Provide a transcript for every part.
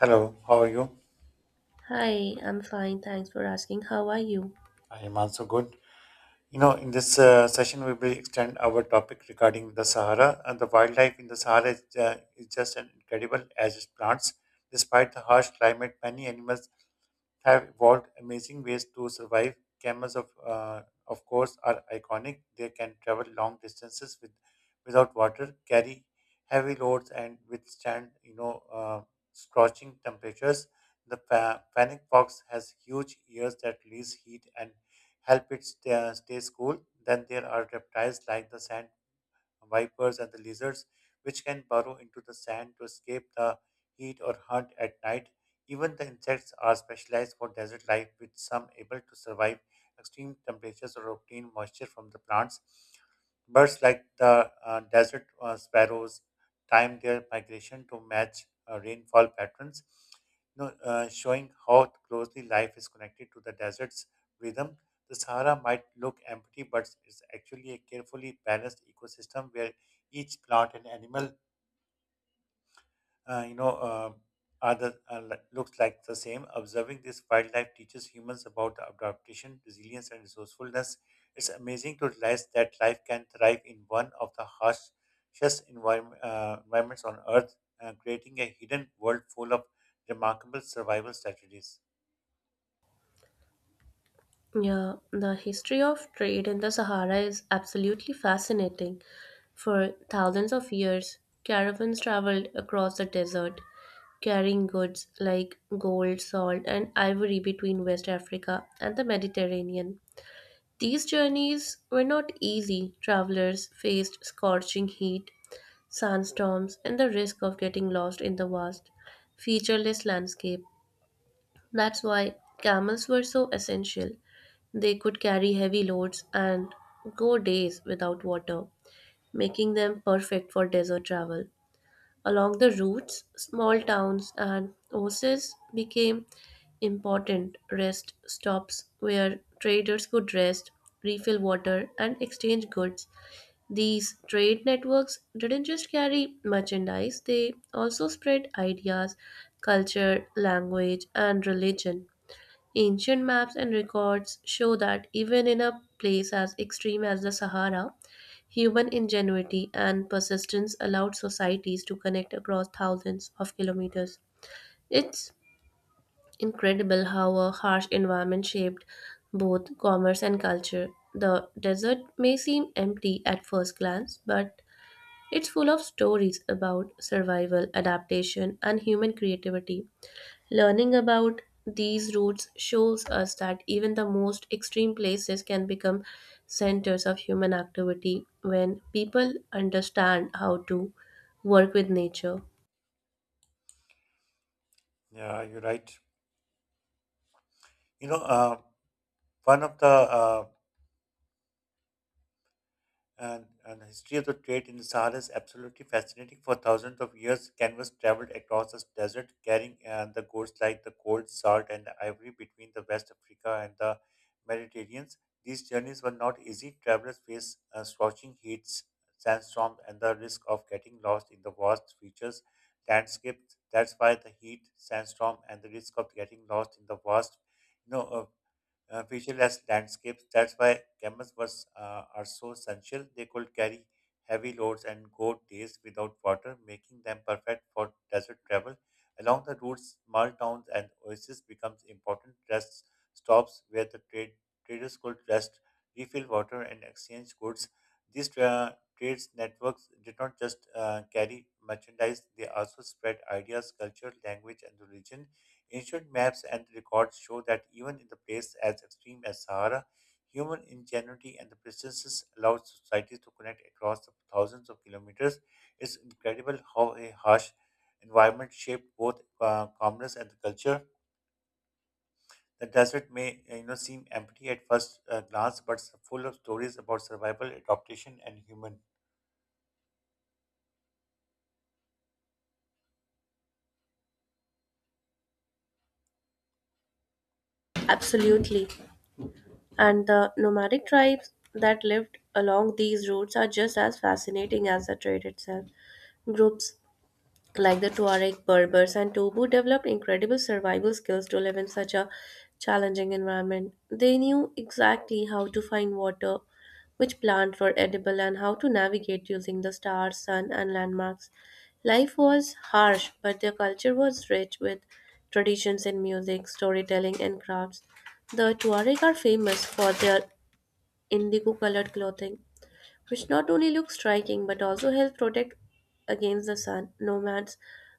Hello, how are you? Hi, I'm fine. Thanks for asking. How are you? I am also good. You know, in this session, we will extend our topic regarding the Sahara. And the wildlife in the Sahara is just an incredible as its plants. Despite the harsh climate, many animals have evolved amazing ways to survive. Camels, of course, are iconic. They can travel long without water, carry heavy loads, and withstand, scorching temperatures. The fennec fox has huge ears that release heat and help it stay cool. Then there are reptiles like the sand vipers, and the lizards, which can burrow into the sand to escape the heat or hunt at night. Even the insects are specialized for desert life, with some able to survive extreme temperatures or obtain moisture from the plants. Birds like the desert sparrows time their migration to match rainfall patterns, showing how closely life is connected to the desert's rhythm. The Sahara might look empty, but it's actually a carefully balanced ecosystem where each plant and animal, uh, you know, uh, are the, are li- looks like the same. Observing this wildlife teaches humans about adaptation, resilience, and resourcefulness. It's amazing to realize that life can thrive in one of the harshest environments on Earth, creating a hidden world full of remarkable survival strategies. Yeah, the history of trade in the Sahara is absolutely fascinating. For thousands of years, caravans traveled across the desert, carrying goods like gold, salt, and ivory between West Africa and the Mediterranean. These journeys were not easy. Travelers faced scorching heat, sandstorms, and the risk of getting lost in the vast, featureless landscape. That's why camels were so essential. They could carry heavy loads and go days without water, making them perfect for desert travel. Along the routes, small towns and oases became important rest stops where traders could rest, refill water, and exchange goods. These trade networks didn't just carry merchandise, they also spread ideas, culture, language, and religion. Ancient maps and records show that even in a place as extreme as the Sahara, human ingenuity and persistence allowed societies to connect across thousands of kilometers. It's incredible how a harsh environment shaped both commerce and culture. The desert may seem empty at first glance, but it's full of stories about survival, adaptation, and human creativity. Learning about these roots shows us that even the most extreme places can become centers of human activity when people understand how to work with nature. Yeah, you're right. You know, one of the and the history of the trade in the Sahara is absolutely fascinating. For thousands of years, canvas traveled across the desert, carrying the goods like the gold, salt, and the ivory between the West Africa and the Mediterranean. These journeys were not easy. Travelers faced scorching heats, sandstorms, and the risk of getting lost in the vast features landscapes. That's why the heat, sandstorm, and the risk of getting lost in the vast, you know, uh, featureless landscapes. That's why camels are so essential. They could carry heavy loads and go days without water, making them perfect for desert travel. Along the routes, small towns and oases becomes important rest stops where the traders could rest, refill water, and exchange goods. These trades networks did not just carry merchandise; they also spread ideas, culture, language, and religion. Ancient maps and records show that even in the place as extreme as Sahara, human ingenuity and the persistence allowed societies to connect across the thousands of kilometers. It's incredible how a harsh environment shaped both commerce and the culture. The desert may seem empty at first glance, but it's full of stories about survival, adaptation, and human. Absolutely. And the nomadic tribes that lived along these routes are just as fascinating as the trade itself. Groups like the Tuareg, Berbers, and Tobu developed incredible survival skills to live in such a challenging environment. They knew exactly how to find water, which plants were edible, and how to navigate using the stars, sun, and landmarks. Life was harsh, but their culture was rich with traditions in music, storytelling, and crafts. The Tuareg are famous for their indigo colored clothing, which not only look striking but also help protect against the sun. Nomads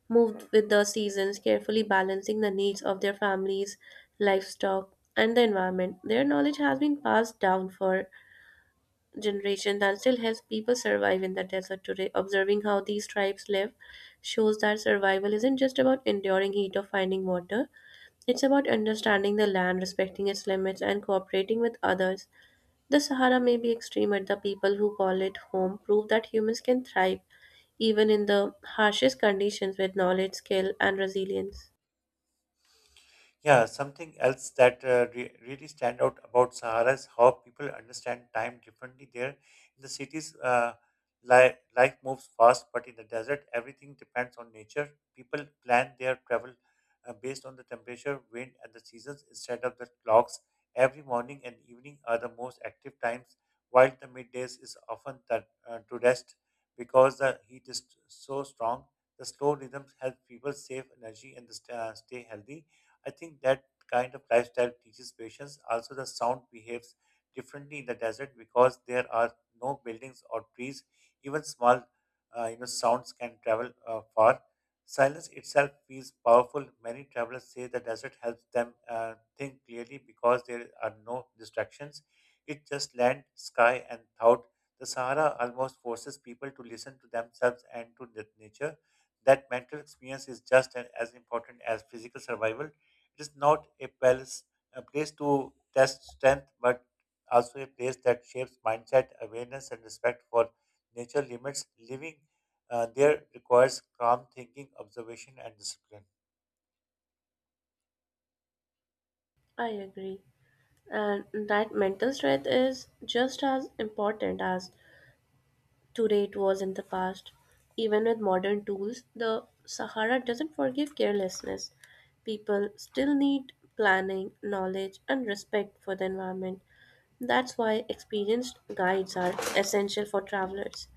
moved with the seasons, carefully balancing the needs of their families, livestock, and the environment. Their knowledge has been passed down for generations and still helps people survive in the desert today. Observing how these tribes live shows that survival isn't just about enduring heat or finding water, it's about understanding the land, respecting its limits, and cooperating with others. The Sahara may be extreme, but the people who call it home prove that humans can thrive even in the harshest conditions with knowledge, skill, and resilience. Yeah, something else that really stand out about Sahara is how people understand time differently there. In the cities, life moves fast, but in the desert, everything depends on nature. People plan their travel based on the temperature, wind, and the seasons instead of the clocks. Every morning and evening are the most active times, while the middays is often that, to rest because the heat is so strong. The slow rhythms help people save energy and stay healthy. I think that kind of lifestyle teaches patience. Also, the sound behaves differently in the desert because there are no buildings or trees. Even small, sounds can travel far. Silence itself feels powerful. Many travelers say the desert helps them think clearly because there are no distractions. It's just land, sky, and thought. The Sahara almost forces people to listen to themselves and to the nature. That mental experience is just as important as physical survival. It is not a palace, a place to test strength, but also a place that shapes mindset, awareness, and respect for nature limits. Living there requires calm thinking, observation, and discipline. I agree. And that mental strength is just as important as today it was in the past. Even with modern tools, the Sahara doesn't forgive carelessness. People still need planning, knowledge, and respect for the environment. That's why experienced guides are essential for travelers.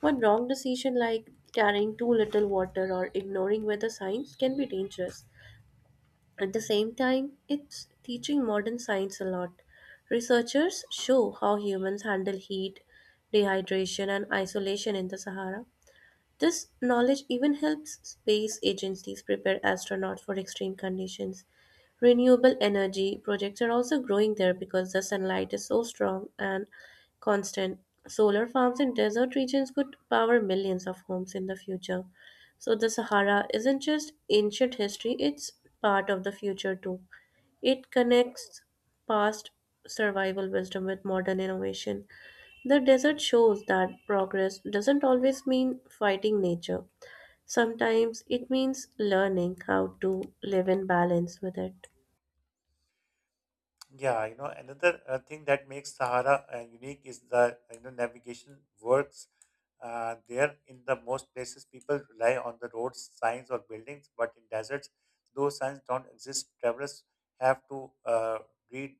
One wrong decision, like carrying too little water or ignoring weather signs, can be dangerous. At the same time, it's teaching modern science a lot. Researchers show how humans handle heat, dehydration, and isolation in the Sahara. This knowledge even helps space agencies prepare astronauts for extreme conditions. Renewable energy projects are also growing there because the sunlight is so strong and constant. Solar farms in desert regions could power millions of homes in the future. So the Sahara isn't just ancient history, it's part of the future too. It connects past survival wisdom with modern innovation. The desert shows that progress doesn't always mean fighting nature. Sometimes it means learning how to live in balance with it. Yeah, you know, another thing that makes Sahara unique is the navigation works there. In the most places, people rely on the roads, signs, or buildings, but in deserts, those signs don't exist. Travelers have to read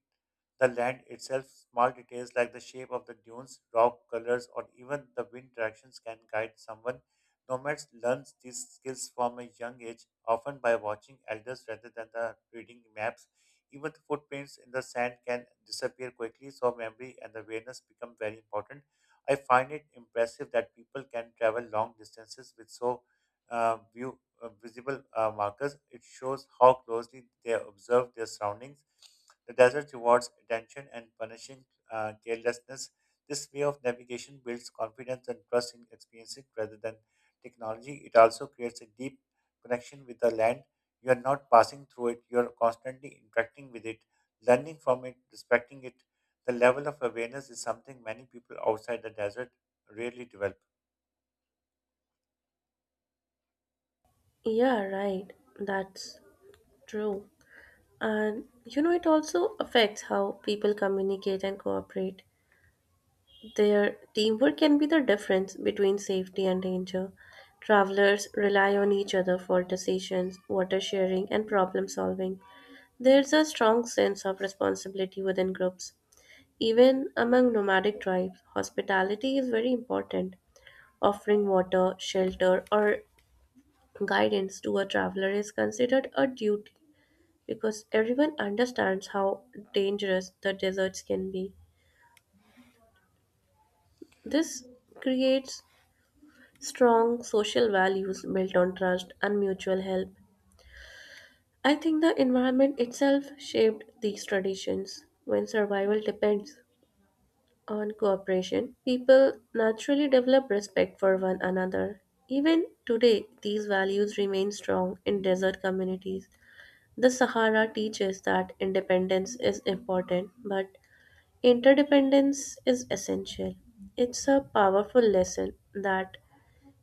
the land itself, small details like the shape of the dunes, rock colors, or even the wind directions can guide someone. Nomads learn these skills from a young age, often by watching elders rather than the reading maps. Even the footprints in the sand can disappear quickly, so memory and awareness become very important. I find it impressive that people can travel long distances with so visible markers. It shows how closely they observe their surroundings. The desert rewards attention and punishing carelessness. This way of navigation builds confidence and trust in experiences rather than technology. It also creates a deep connection with the land. You are not passing through it, you are constantly interacting with it, learning from it, respecting it. The level of awareness is something many people outside the desert rarely develop. Yeah, right. That's true. And you know, it also affects how people communicate and cooperate. Their teamwork can be the difference between safety and danger. Travelers rely on each other for decisions, water sharing, and problem solving. There's a strong sense of responsibility within groups. Even among nomadic tribes, hospitality is very important. Offering water, shelter, or guidance to a traveler is considered a duty because everyone understands how dangerous the deserts can be. This creates strong social values built on trust and mutual help. I think the environment itself shaped these traditions. When survival depends on cooperation, people naturally develop respect for one another. Even today, these values remain strong in desert communities. The Sahara teaches that independence is important, but interdependence is essential. It's a powerful lesson that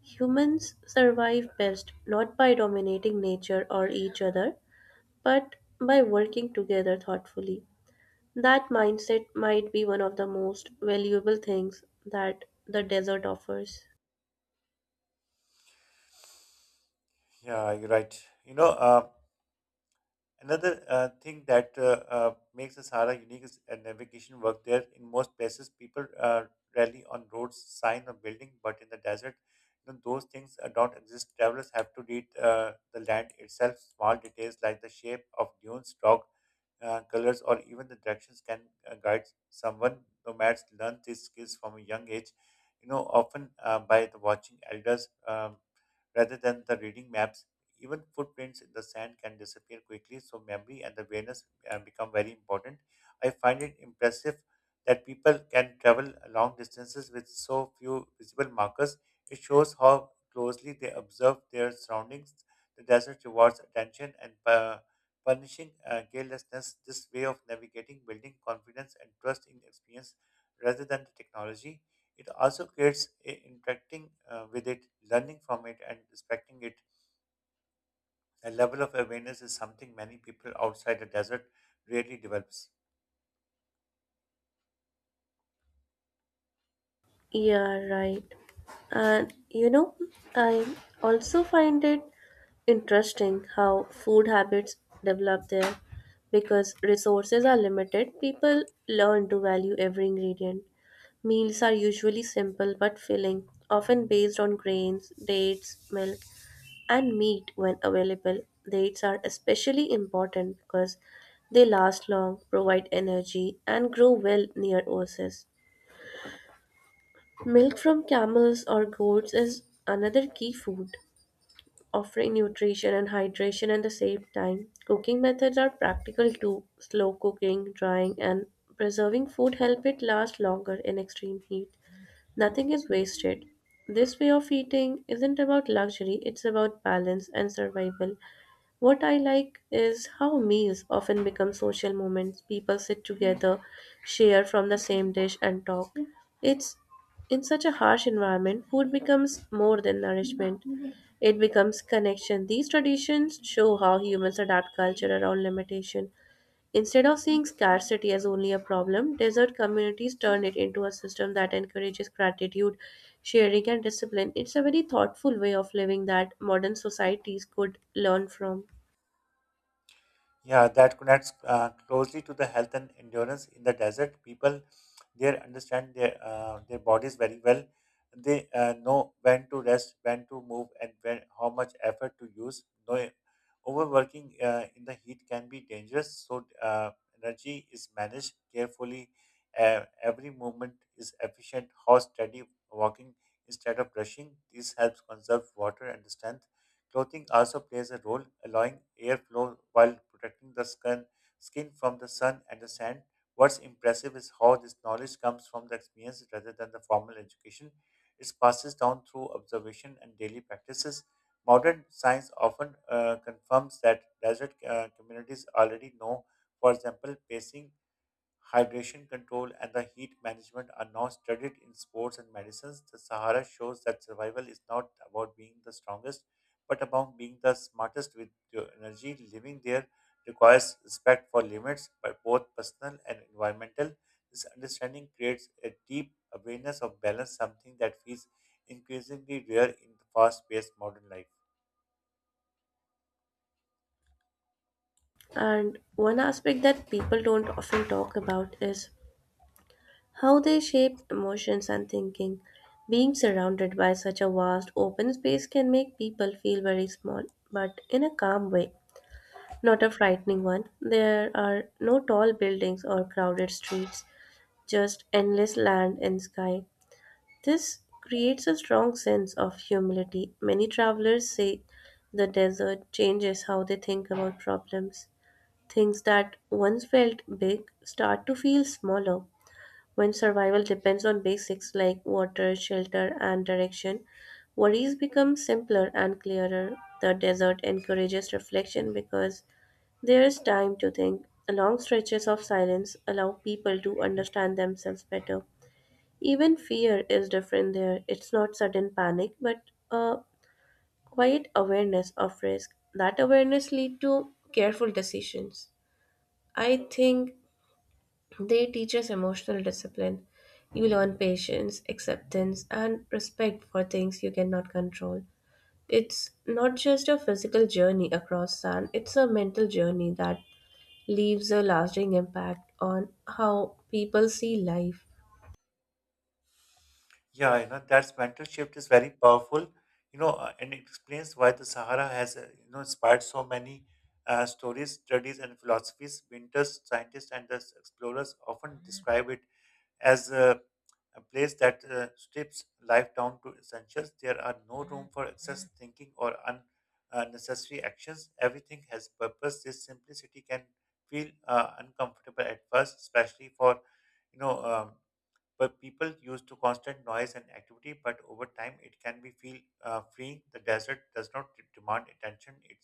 humans survive best not by dominating nature or each other, but by working together thoughtfully. That mindset might be one of the most valuable things that the desert offers. Yeah, you're right. Another thing that makes the Sahara unique is navigation work there. In most places, people rally on roads, sign, or building, but in the desert, those things don't exist. Travelers have to read the land itself. Small details like the shape of dunes, rock colors, or even the directions can guide someone. Nomads learn these skills from a young age, you know, often by the watching elders. Rather than the reading maps. Even footprints in the sand can disappear quickly, so memory and awareness become very important. I find it impressive that people can travel long distances with so few visible markers. It shows how closely they observe their surroundings. The desert rewards attention and punishing carelessness. This way of navigating, building confidence and trust in experience rather than the technology. It also creates interacting with it, learning from it, and respecting it. A level of awareness is something many people outside the desert rarely develops. Yeah, right. And you know, I also find it interesting how food habits develop there. Because resources are limited, people learn to value every ingredient. Meals are usually simple but filling, often based on grains, dates, milk, and meat when available. Dates are especially important because they last long, provide energy, and grow well near oases. Milk from camels or goats is another key food, offering nutrition and hydration at the same time. Cooking methods are practical too. Slow cooking, drying, and preserving food help it last longer in extreme heat. Nothing is wasted. This way of eating isn't about luxury, it's about balance and survival. What I like is how meals often become social moments. People sit together, share from the same dish, and talk. It's in such a harsh environment, food becomes more than nourishment. It becomes connection. These traditions show how humans adapt culture around limitation. Instead of seeing scarcity as only a problem, desert communities turn it into a system that encourages gratitude, sharing, and discipline. It's a very thoughtful way of living that modern societies could learn from. Yeah, that connects closely to the health and endurance in the desert. People there understand their bodies very well. They know when to rest, when to move, and when how much effort to use. No, overworking in the heat can be dangerous. So energy is managed carefully. Every movement is efficient. How steady walking instead of rushing. This helps conserve water and strength. Clothing also plays a role, allowing airflow while protecting the skin from the sun and the sand. What's impressive is how this knowledge comes from the experience rather than the formal education. It passes down through observation and daily practices. Modern science often confirms that desert communities already know, for example, pacing hydration control, and the heat management are now studied in sports and medicines. The Sahara shows that survival is not about being the strongest, but about being the smartest with your energy. Living there requires respect for limits, but both personal and environmental. This understanding creates a deep awareness of balance, something that feels increasingly rare in the fast-paced modern life. And one aspect that people don't often talk about is how they shape emotions and thinking. Being surrounded by such a vast open space can make people feel very small, but in a calm way, not a frightening one. There are no tall buildings or crowded streets, just endless land and sky. This creates a strong sense of humility. Many travelers say the desert changes how they think about problems. Things that once felt big start to feel smaller. When survival depends on basics like water, shelter, and direction, worries become simpler and clearer. The desert encourages reflection because there is time to think. Long stretches of silence allow people to understand themselves better. Even fear is different there. It's not sudden panic, but a quiet awareness of risk. That awareness leads to careful decisions. I think they teach us emotional discipline. You learn patience, acceptance, and respect for things you cannot control. It's not just a physical journey across sand, it's a mental journey that leaves a lasting impact on how people see life. Yeah, you know, that's mental shift is very powerful, and it explains why the Sahara has, inspired so many stories, studies, and philosophies. Winters, scientists, and the explorers often describe it as a place that strips life down to essentials. There are no room for excess thinking or unnecessary actions. Everything has purpose. This simplicity can feel uncomfortable at first, especially for, you know. um, but people used to constant noise and activity, but over time it can be feel freeing. The desert does not demand attention, it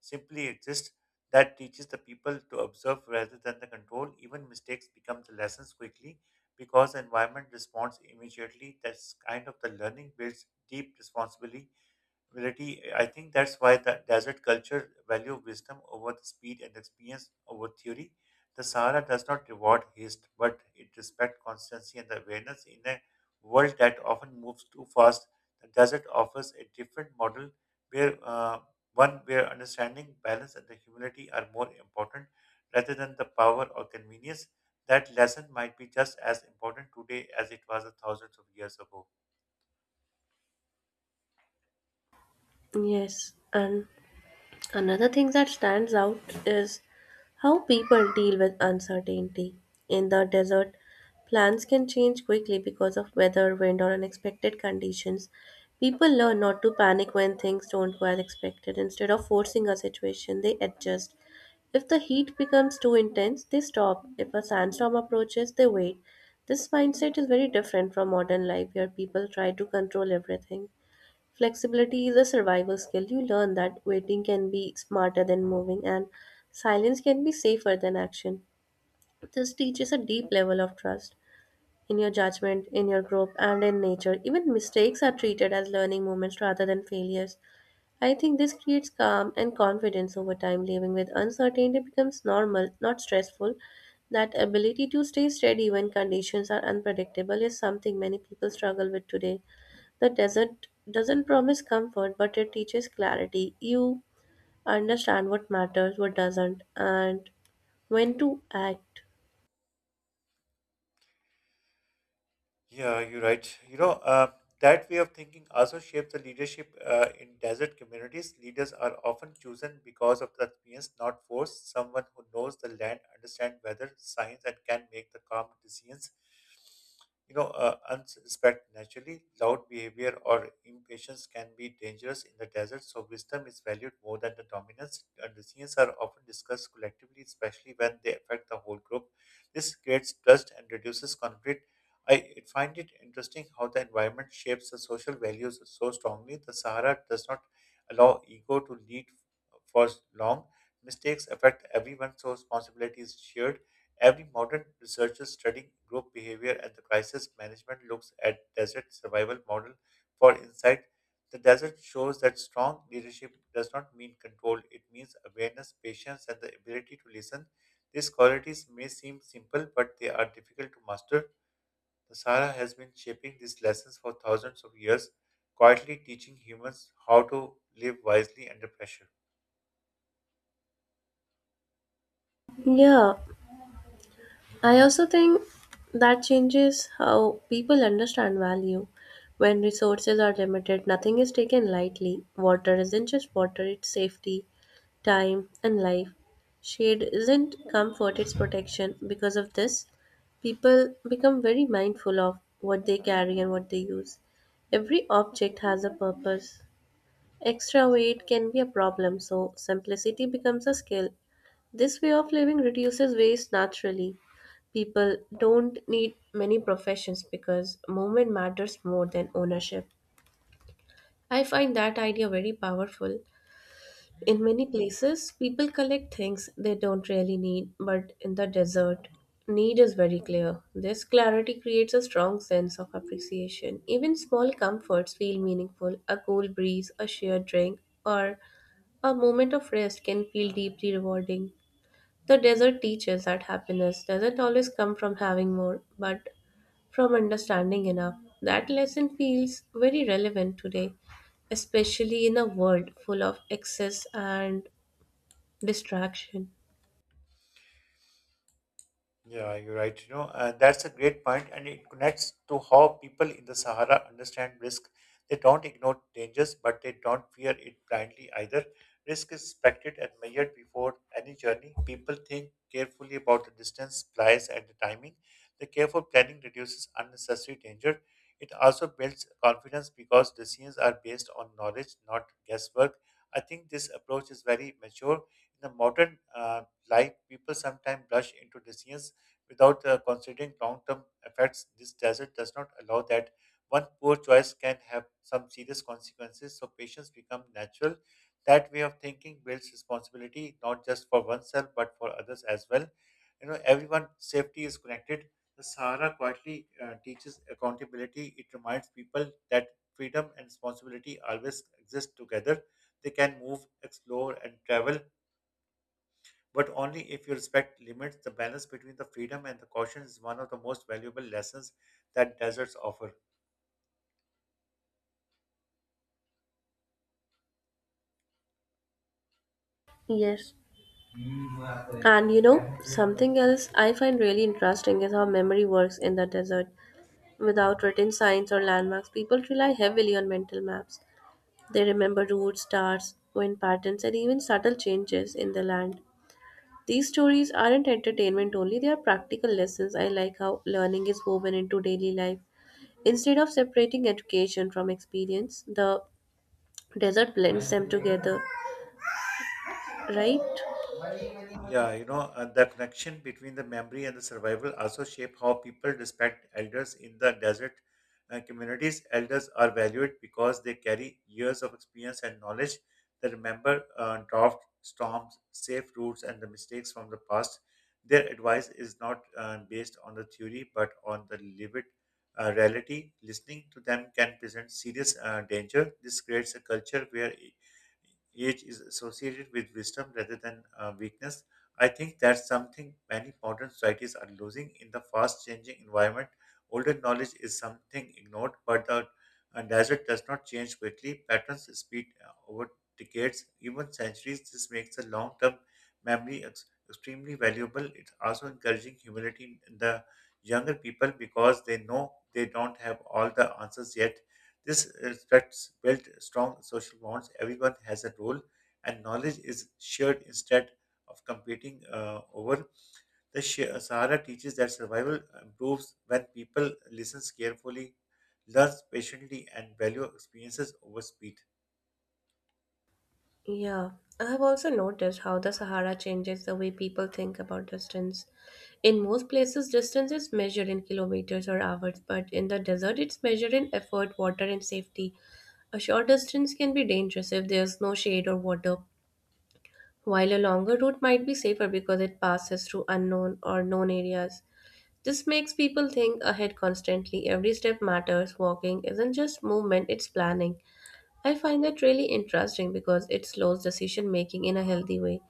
simply exists. That teaches the people to observe rather than the control. Even mistakes become the lessons quickly because the environment responds immediately. That's kind of the learning builds deep responsibility ability. I think that's why the desert culture value wisdom over the speed and experience over theory. The Sahara does not reward haste, but it respects constancy and the awareness in a world that often moves too fast. The desert offers a different model where one where understanding, balance, and the humility are more important rather than the power or convenience. That lesson might be just as important today as it was a thousands of years ago. Yes, and another thing that stands out is how people deal with uncertainty. In the desert, plans can change quickly because of weather, wind, or unexpected conditions. People learn not to panic when things don't go as expected. Instead of forcing a situation, they adjust. If the heat becomes too intense, they stop. If a sandstorm approaches, they wait. This mindset is very different from modern life where people try to control everything. Flexibility is a survival skill. You learn that waiting can be smarter than moving and silence can be safer than action. This teaches a deep level of trust in your judgment, in your group, and in nature. Even mistakes are treated as learning moments rather than failures. I think this creates calm and confidence over time. Living with uncertainty becomes normal, not stressful. That ability to stay steady when conditions are unpredictable is something many people struggle with today. The desert doesn't promise comfort, but it teaches clarity. You understand what matters, what doesn't, and when to act. Yeah, you're right. That way of thinking also shapes the leadership in desert communities. Leaders are often chosen because of the experience, not force. Someone who knows the land, understand weather, science, and can make the calm decisions. Unsuspect naturally, loud behavior or impatience can be dangerous in the desert, so wisdom is valued more than the dominance. And decisions are often discussed collectively, especially when they affect the whole group. This creates trust and reduces conflict. I find it interesting how the environment shapes the social values so strongly. The Sahara does not allow ego to lead for long. Mistakes affect everyone, so responsibility is shared. Every modern researcher studying group behavior and the crisis management looks at desert survival model for insight. The desert shows that strong leadership does not mean control. It means awareness, patience, and the ability to listen. These qualities may seem simple, but they are difficult to master. The Sahara has been shaping these lessons for thousands of years, quietly teaching humans how to live wisely under pressure. Yeah, I also think that changes how people understand value. When resources are limited, nothing is taken lightly. Water isn't just water, it's safety, time, and life. Shade isn't comfort, it's protection. Because of this, people become very mindful of what they carry and what they use. Every object has a purpose. Extra weight can be a problem, so simplicity becomes a skill. This way of living reduces waste naturally. People don't need many professions because movement matters more than ownership. I find that idea very powerful. In many places, people collect things they don't really need, but in the desert, need is very clear. This clarity creates a strong sense of appreciation. Even small comforts feel meaningful. A cool breeze, a shared drink, or a moment of rest can feel deeply rewarding. The desert teaches that happiness doesn't always come from having more, but from understanding enough. That lesson feels very relevant today, especially in a world full of excess and distraction. Yeah, you're right. You know, and that's a great point, and it connects to how people in the Sahara understand risk. They don't ignore dangers, but they don't fear it blindly either. Risk is expected and measured before any journey. People think carefully about the distance, supplies, and the timing. The careful planning reduces unnecessary danger. It also builds confidence because decisions are based on knowledge, not guesswork. I think this approach is very mature. In the modern life, people sometimes rush into decisions without considering long term effects. This desert does not allow that. One poor choice can have some serious consequences, so patience becomes natural. That way of thinking builds responsibility not just for oneself but for others as well. You know, everyone safety is connected. The Sahara quietly teaches accountability. It reminds people that freedom and responsibility always exist together. They can move, explore, and travel but only if you respect limits. The balance between the freedom and the caution is one of the most valuable lessons that deserts offer. Yes. And you know, something else I find really interesting is how memory works in the desert. Without written signs or landmarks, people rely heavily on mental maps. They remember routes, stars, wind patterns, and even subtle changes in the land. These stories aren't entertainment only, they are practical lessons. I like how learning is woven into daily life. Instead of separating education from experience, the desert blends them together, right? Yeah, you know, the connection between the memory and the survival also shape how people respect elders in the desert communities. Elders are valued because they carry years of experience and knowledge. They remember drought, storms, safe routes, and the mistakes from the past. Their advice is not based on the theory but on the lived reality. Listening to them can present serious danger. This creates a culture where age is associated with wisdom rather than weakness. I think that's something many modern societies are losing in the fast changing environment. Older knowledge is something ignored, but the desert does not change quickly. Patterns repeat over decades, even centuries. This makes the long term memory extremely valuable. It's also encouraging humility in the younger people because they know they don't have all the answers yet. This respects built strong social bonds. Everyone has a role, and knowledge is shared instead of competing over. The Sahara teaches that survival improves when people listens carefully, learns patiently, and value experiences over speed. Yeah, I have also noticed how the Sahara changes the way people think about distance. In most places, distance is measured in kilometers or hours, but in the desert, it's measured in effort, water, and safety. A short distance can be dangerous if there's no shade or water, while a longer route might be safer because it passes through unknown or known areas. This makes people think ahead constantly. Every step matters. Walking isn't just movement, it's planning. I find that really interesting because it slows decision making in a healthy way.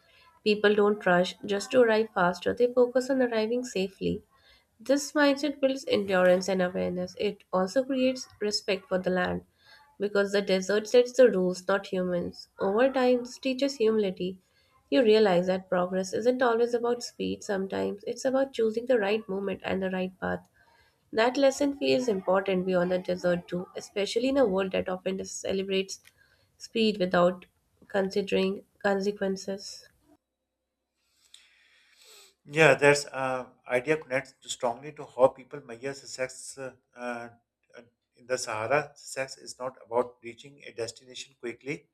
People don't rush just to arrive faster, they focus on arriving safely. This mindset builds endurance and awareness. It also creates respect for the land because the desert sets the rules, not humans. Over time, this teaches humility. You realize that progress isn't always about speed, sometimes it's about choosing the right moment and the right path. That lesson feels important beyond the desert too, especially in a world that often celebrates speed without considering consequences. Yeah, that's idea connects strongly to how people measure success in the Sahara. Success is not about reaching a destination quickly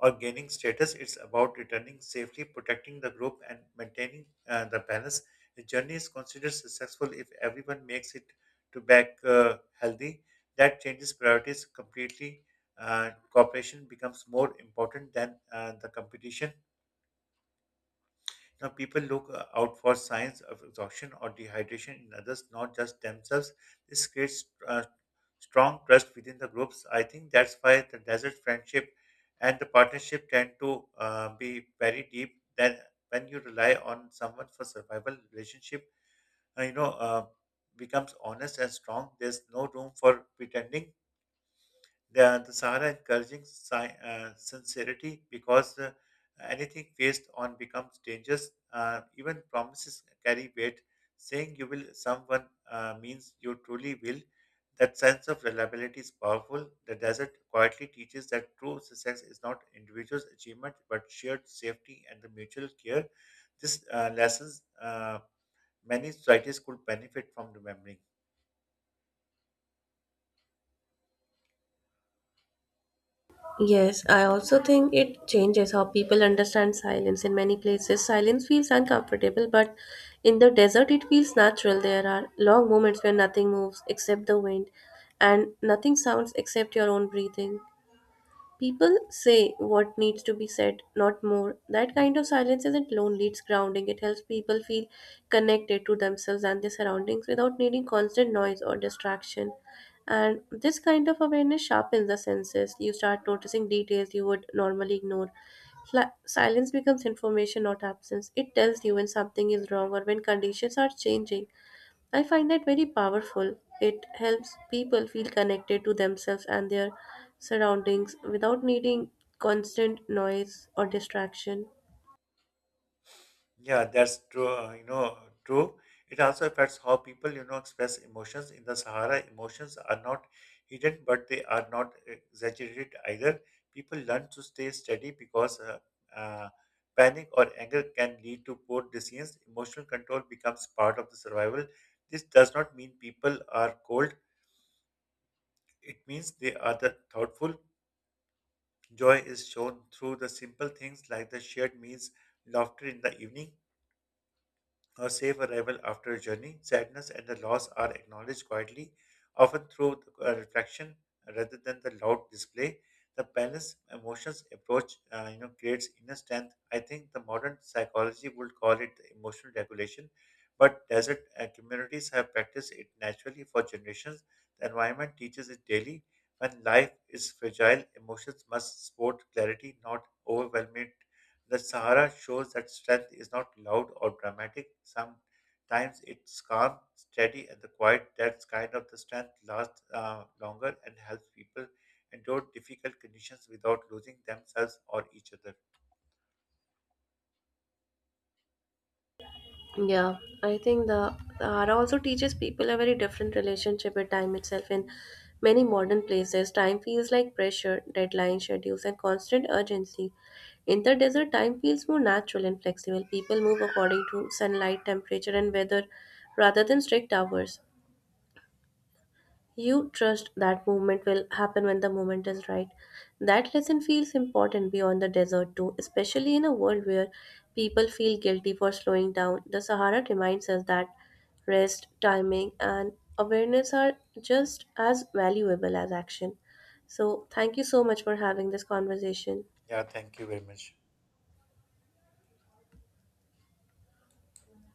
or gaining status. It's about returning safely, protecting the group, and maintaining the balance. The journey is considered successful if everyone makes it to back healthy. That changes priorities completely. Cooperation becomes more important than the competition. Now, people look out for signs of exhaustion or dehydration in others, not just themselves. This creates strong trust within the groups. I think that's why the desert friendship and the partnership tend to be very deep. Then, when you rely on someone for survival, relationship, uh, you know, uh, becomes honest and strong. There's no room for pretending they are the Sahara encouraging sincerity because anything based on becomes dangerous. Even promises carry weight. Saying you will someone means you truly will. That sense of reliability is powerful. The desert quietly teaches that true success is not individual achievement but shared safety and the mutual care. This lessons many societies could benefit from remembering. Yes, I also think it changes how people understand silence. In many places, silence feels uncomfortable, but in the desert, it feels natural. There are long moments where nothing moves except the wind, and nothing sounds except your own breathing. People say what needs to be said, not more. That kind of silence isn't lonely, it's grounding. It helps people feel connected to themselves and their surroundings without needing constant noise or distraction. And this kind of awareness sharpens the senses. You start noticing details you would normally ignore. Silence becomes information, not absence. It tells you when something is wrong or when conditions are changing. I find that very powerful. It helps people feel connected to themselves and their surroundings without needing constant noise or distraction. Yeah, that's true. You know, true. It also affects how people, you know, express emotions. In the Sahara, emotions are not hidden, but they are not exaggerated either. People learn to stay steady because uh, panic or anger can lead to poor decisions. Emotional control becomes part of the survival. This does not mean people are cold. It means they are the thoughtful. Joy is shown through the simple things like the shared meals, laughter in the evening, her safe arrival after a journey. Sadness and the loss are acknowledged quietly, often through reflection rather than the loud display. The balanced emotions approach, you know, creates inner strength. I think the modern psychology would call it emotional regulation, but desert communities have practiced it naturally for generations. The environment teaches it daily. When life is fragile, emotions must support clarity, not overwhelm it. The Sahara shows that strength is not loud or dramatic. Sometimes it's calm, steady, and the quiet. That kind of the strength lasts longer and helps people endure difficult conditions without losing themselves or each other. Yeah, I think the Hara also teaches people a very different relationship with time itself. In many modern places, time feels like pressure, deadlines, schedules, and constant urgency. In the desert, time feels more natural and flexible. People move according to sunlight, temperature, and weather rather than strict hours. You trust that movement will happen when the moment is right. That lesson feels important beyond the desert, too, especially in a world where people feel guilty for slowing down. The Sahara reminds us that rest, timing, and awareness are just as valuable as action. So, thank you so much for having this conversation. Yeah, thank you very much.